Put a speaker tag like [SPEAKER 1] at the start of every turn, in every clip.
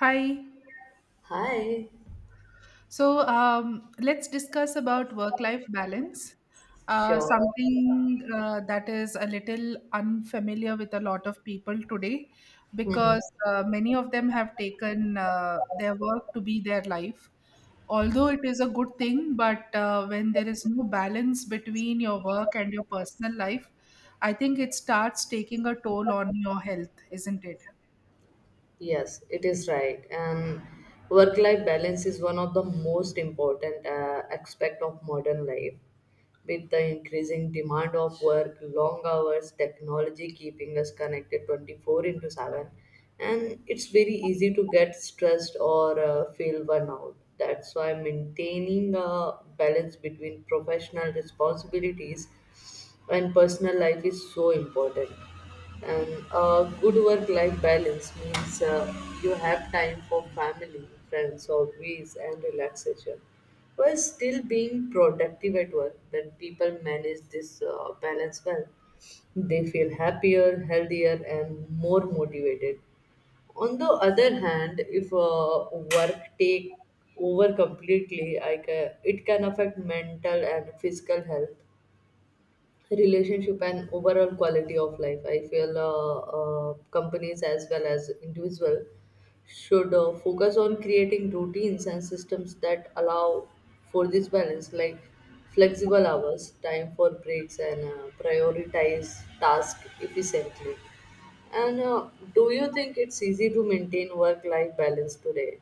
[SPEAKER 1] Hi.
[SPEAKER 2] Hi,
[SPEAKER 1] So let's discuss about work-life balance,
[SPEAKER 2] sure.
[SPEAKER 1] something that is a little unfamiliar with a lot of people today
[SPEAKER 2] Mhm.
[SPEAKER 1] because many of them have taken their work to be their life. Although it is a good thing, but when there is no balance between your work and your personal life, I think it starts taking a toll on your health, isn't it?
[SPEAKER 2] Yes, it is right. And work-life balance is one of the most important aspect of modern life. With the increasing demand of work, long hours, technology keeping us connected 24 into 7, and it's very easy to get stressed or feel burnout. That's why maintaining a balance between professional responsibilities and personal life is so important and good work life balance means you have time for family friends hobbies and relaxation while still being productive at work when people manage this balance well they feel happier healthier and more motivated on the other hand, if work take over completely, it can affect mental and physical health, relationship and overall quality of life. I feel companies as well as individual should focus on creating routines and systems that allow for this balance, like flexible hours, time for breaks, and prioritize tasks efficiently. And Do you think it's easy to maintain work-life balance today?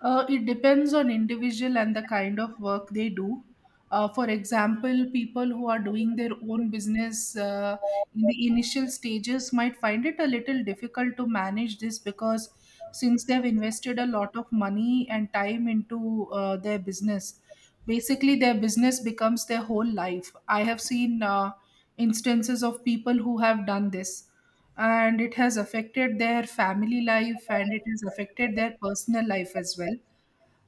[SPEAKER 1] It depends on individual and the kind of work they do. For example, people who are doing their own business in the initial stages might find it a little difficult to manage this because since they've invested a lot of money and time into their business, basically their business becomes their whole life. I have seen instances of people who have done this, and it has affected their family life and it has affected their personal life as well,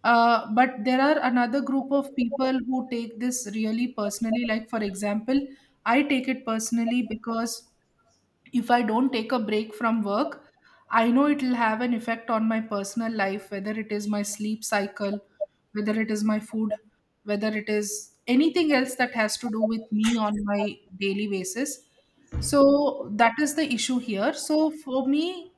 [SPEAKER 1] but there are another group of people who take this really personally. Like, for example, I take it personally because if I don't take a break from work, I know it'll have an effect on my personal life, whether it is my sleep cycle, whether it is my food, whether it is anything else that has to do with me on my daily basis. So that is the issue here. So for me,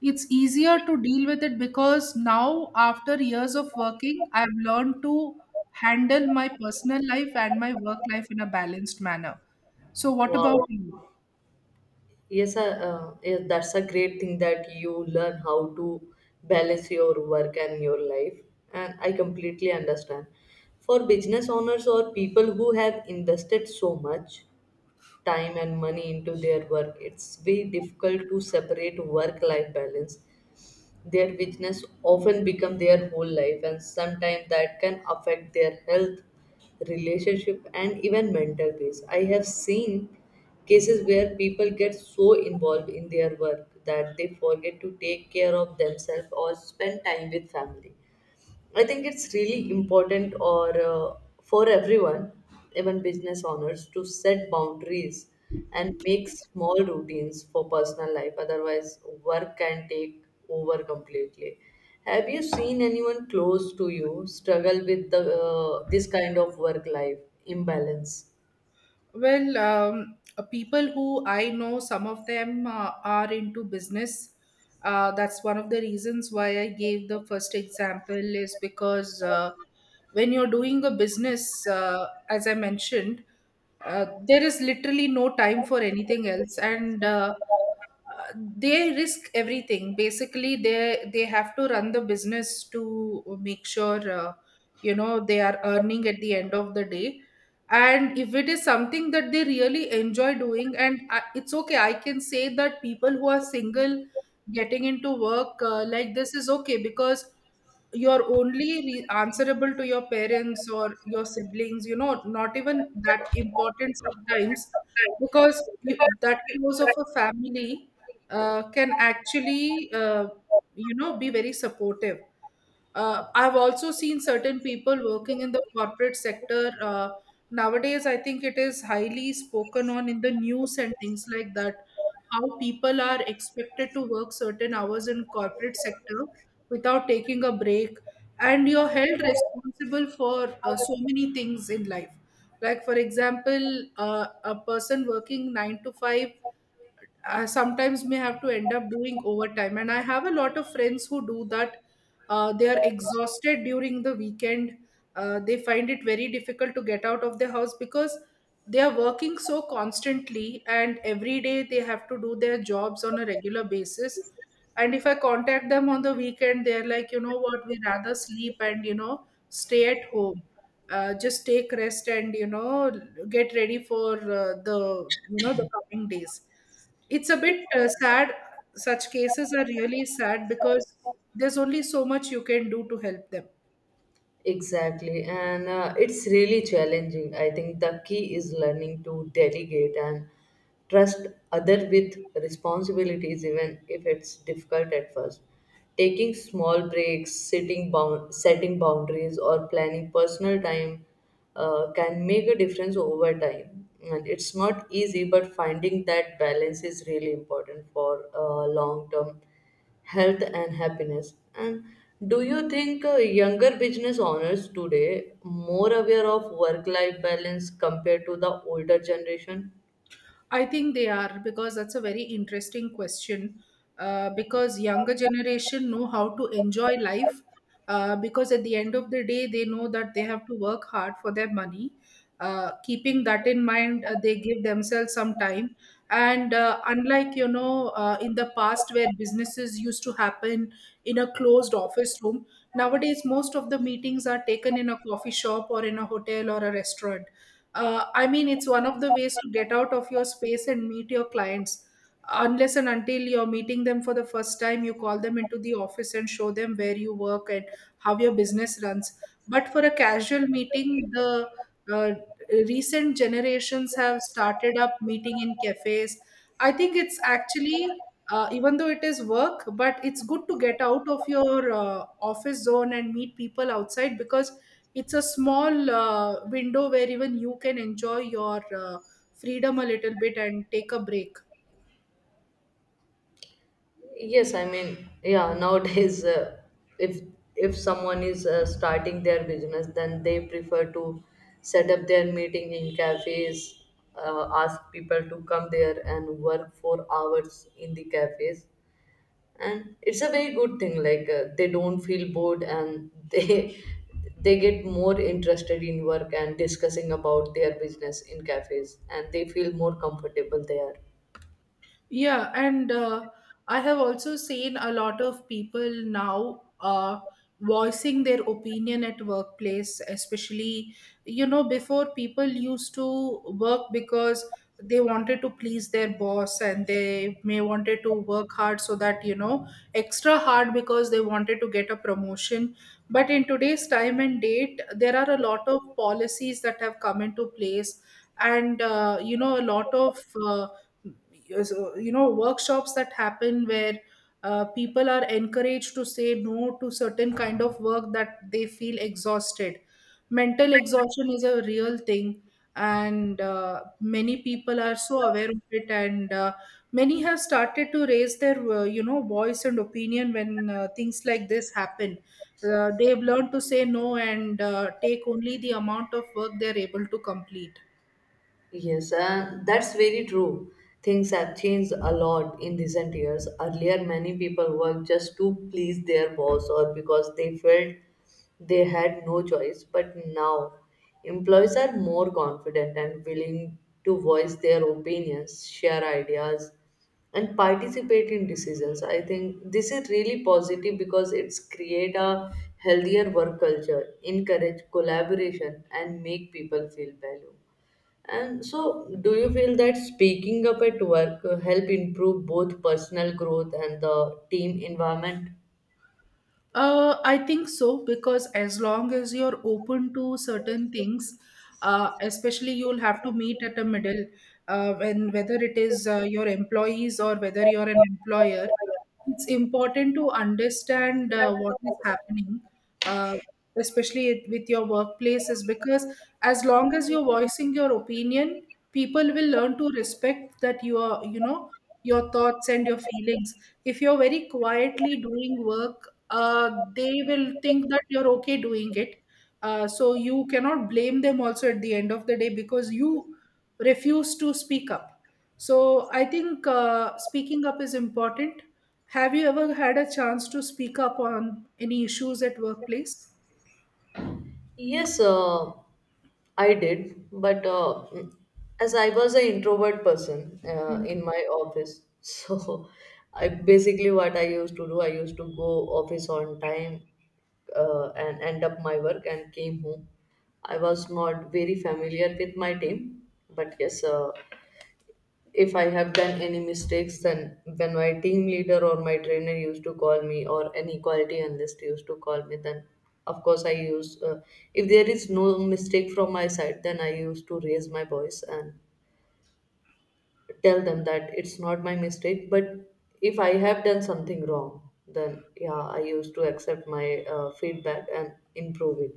[SPEAKER 1] it's easier to deal with it because now, after years of working, I've learned to handle my personal life and my work life in a balanced manner. So, what about
[SPEAKER 2] Wow.
[SPEAKER 1] you?
[SPEAKER 2] Yes, that's a great thing that you learn how to balance your work and your life. And I completely understand. For business owners or people who have invested so much time and money into their work, it's very difficult to separate work life balance their weakness often become their whole life, and sometimes that can affect their health, relationship, and even mental peace. I have seen cases where people get so involved in their work that they forget to take care of themselves or spend time with family. I think it's really important or for everyone, even business owners, to set boundaries and make small routines for personal life. Otherwise, work can take over completely. Have you seen anyone close to you struggle with the this kind of work life imbalance?
[SPEAKER 1] Well, people who I know, some of them are into business. That's one of the reasons why I gave the first example, is because when you're doing a business, as I mentioned, there is literally no time for anything else. And uh, they risk everything, basically they have to run the business to make sure, you know, they are earning at the end of the day. And if it is something that they really enjoy doing, and I, it's okay, I can say that people who are single getting into work like this is okay, because you're only answerable to your parents or your siblings, you know, not even that important sometimes, because you, that close of a family can actually, you know, be very supportive. I've also seen certain people working in the corporate sector. Nowadays I think it is highly spoken on in the news and things like that. How people are expected to work certain hours in corporate sector without taking a break, and you're held responsible for so many things in life, like for example, a person working 9 to 5. I sometimes may have to end up doing overtime. And I have a lot of friends who do that. They are exhausted during the weekend. They find it very difficult to get out of their house because they are working so constantly and every day they have to do their jobs on a regular basis. And if I contact them on the weekend, they're like, you know what, we rather sleep and, you know, stay at home. Just take rest and, you know, get ready for the, you know, the coming days. It's a bit sad. Such cases are really sad because there's only so much you can do to help them.
[SPEAKER 2] Exactly, and it's really challenging. I think the key is learning to delegate and trust other with responsibilities, even if it's difficult at first. Taking small breaks, sitting bound, setting boundaries, or planning personal time can make a difference over time. And it's not easy, but finding that balance is really important for long term health and happiness. And do you think younger business owners today more aware of work-life balance compared to the older generation?
[SPEAKER 1] I think they are, because that's a very interesting question. Because younger generation know how to enjoy life. Because at the end of the day, they know that they have to work hard for their money. Keeping that in mind, they give themselves some time. And unlike, you know, in the past where businesses used to happen in a closed office room, nowadays most of the meetings are taken in a coffee shop or in a hotel or a restaurant. I mean, it's one of the ways to get out of your space and meet your clients. Unless and until you're meeting them for the first time, you call them into the office and show them where you work and how your business runs. But for a casual meeting, the uh, recent generations have started up meeting in cafes. I think it's actually, even though it is work, but it's good to get out of your office zone and meet people outside because it's a small window where even you can enjoy your freedom a little bit and take a break.
[SPEAKER 2] Yes, I mean, yeah, nowadays if if someone is starting their business, then they prefer to set up their meeting in cafes, ask people to come there and work for hours in the cafes and it's a very good thing like they don't feel bored and they they get more interested in work and discussing about their business in cafes and they feel more comfortable there.
[SPEAKER 1] Yeah, and I have also seen a lot of people now voicing their opinion at workplace, especially, you know, before people used to work because they wanted to please their boss, and they may wanted to work hard so that, you know, extra hard because they wanted to get a promotion. But in today's time and date, there are a lot of policies that have come into place, and, you know, a lot of uh, yes, you know, workshops that happen where people are encouraged to say no to certain kind of work that they feel exhausted. Mental exhaustion is a real thing. And many people are so aware of it, and many have started to raise their you know voice and opinion when things like this happen. They've learned to say no and take only the amount of work they're able to complete.
[SPEAKER 2] Yes, and that's very true. Things have changed a lot in recent years. Earlier, many people worked just to please their boss or because they felt they had no choice. But now, employees are more confident and willing to voice their opinions, share ideas, and participate in decisions. I think this is really positive because it's create a healthier work culture, encourage collaboration, and make people feel valued. And so, do you feel that speaking up at work help improve both personal growth and the team environment?
[SPEAKER 1] I think so, because as long as you're open to certain things, especially you'll have to meet at a middle, when whether it is your employees or whether you're an employer, it's important to understand what is happening, uh, especially with your workplaces, because as long as you're voicing your opinion, people will learn to respect that you are, you know, your thoughts and your feelings. If you're very quietly doing work, they will think that you're okay doing it. So you cannot blame them also at the end of the day because you refuse to speak up. So I think speaking up is important. Have you ever had a chance to speak up on any issues at workplace?
[SPEAKER 2] Yes, I did, but as I was an introvert person
[SPEAKER 1] Hmm.
[SPEAKER 2] in my office, so I basically what I used to do, I used to go office on time and end up my work and came home. I was not very familiar with my team, but yes, if I have done any mistakes, then when my team leader or my trainer used to call me, or any quality analyst used to call me, then of course I use. If there is no mistake from my side, then I used to raise my voice and tell them that it's not my mistake but if I have done something wrong then yeah I used to accept my feedback and improve it.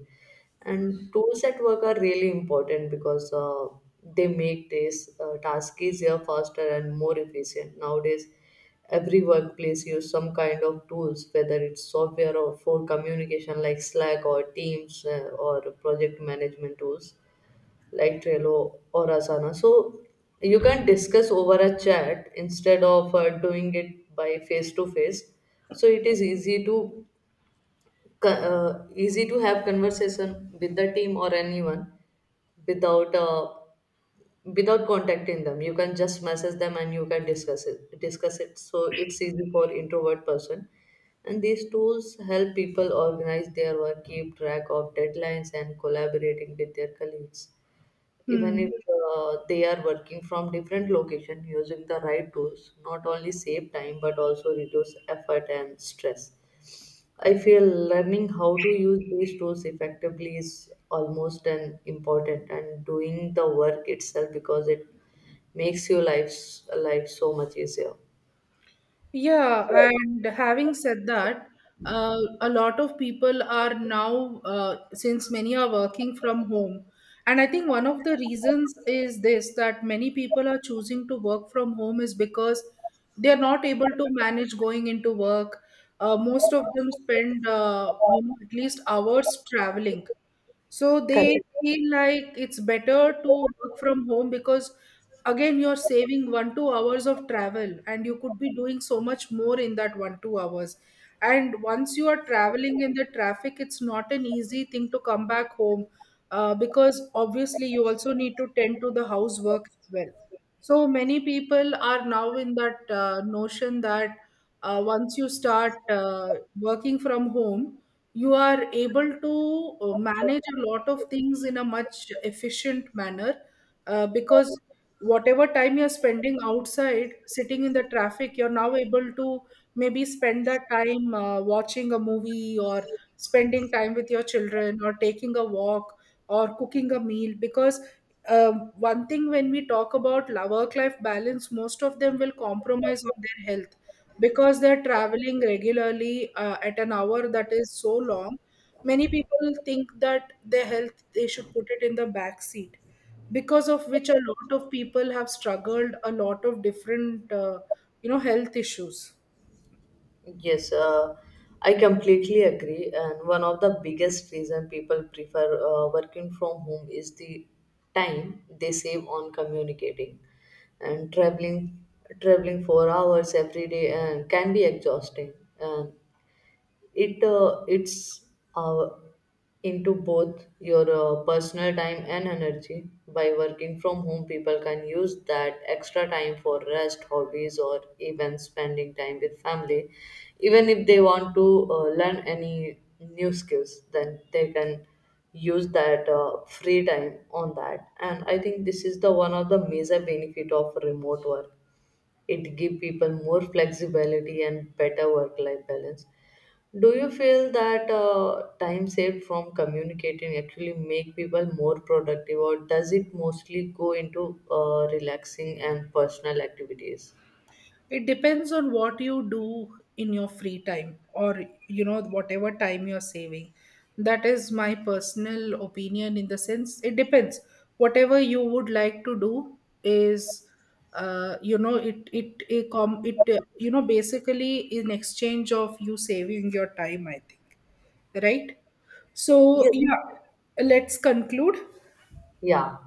[SPEAKER 2] And tools at work are really important because they make this task easier faster and more efficient nowadays every workplace use some kind of tools whether it's software or for communication like Slack or Teams or project management tools like Trello or Asana. So you can discuss over a chat instead of doing it by face to face. So it is easy to easy to have conversation with the team or anyone without without contacting them. You can just message them and you can discuss it. So it's easy for introvert person. And these tools help people organize their work, keep track of deadlines, and collaborating with their colleagues even if
[SPEAKER 1] Hmm.
[SPEAKER 2] they are working from different location using the right tools not only save time but also reduce effort and stress. I feel learning how to use these tools effectively is almost an important and doing the work itself because it makes your life so much easier.
[SPEAKER 1] Yeah, and having said that, a lot of people are now, since many are working from home, and I think one of the reasons is this that many people are choosing to work from home is because they are not able to manage going into work. Most of them spend, you know, at least hours traveling. So they feel like it's better to work from home, because again, you're saving one, 2 hours of travel, and you could be doing so much more in that one, 2 hours. And once you are traveling in the traffic, it's not an easy thing to come back home, because obviously you also need to tend to the housework as well. So many people are now in that notion that once you start working from home, you are able to manage a lot of things in a much efficient manner, because whatever time you're spending outside sitting in the traffic, you're now able to maybe spend that time watching a movie or spending time with your children or taking a walk or cooking a meal. Because one thing, when we talk about work life balance, most of them will compromise on their health because they're traveling regularly at an hour that is so long. Many people think that their health they should put it in the back seat, because of which a lot of people have struggled a lot of different you know health issues.
[SPEAKER 2] Yes, I completely agree. And one of the biggest reason people prefer working from home is the time they save on communicating and traveling. Traveling 4 hours every day and can be exhausting. And it it's uh, into both your personal time and energy by working from home people can use that extra time for rest hobbies or even spending time with family even if they want to learn any new skills then they can use that free time on that and I think this is the one of the major benefit of remote work it give people more flexibility and better work life balance. Do you feel that time saved from communicating actually make people more productive or does it mostly go into relaxing and personal activities?
[SPEAKER 1] It depends on what you do in your free time, or, you know, whatever time you're saving. That is my personal opinion, in the sense it depends whatever you would like to do is, you know, it, com- it you know, basically in exchange of you saving your time. I think. Right. So yeah, let's conclude.
[SPEAKER 2] Yeah.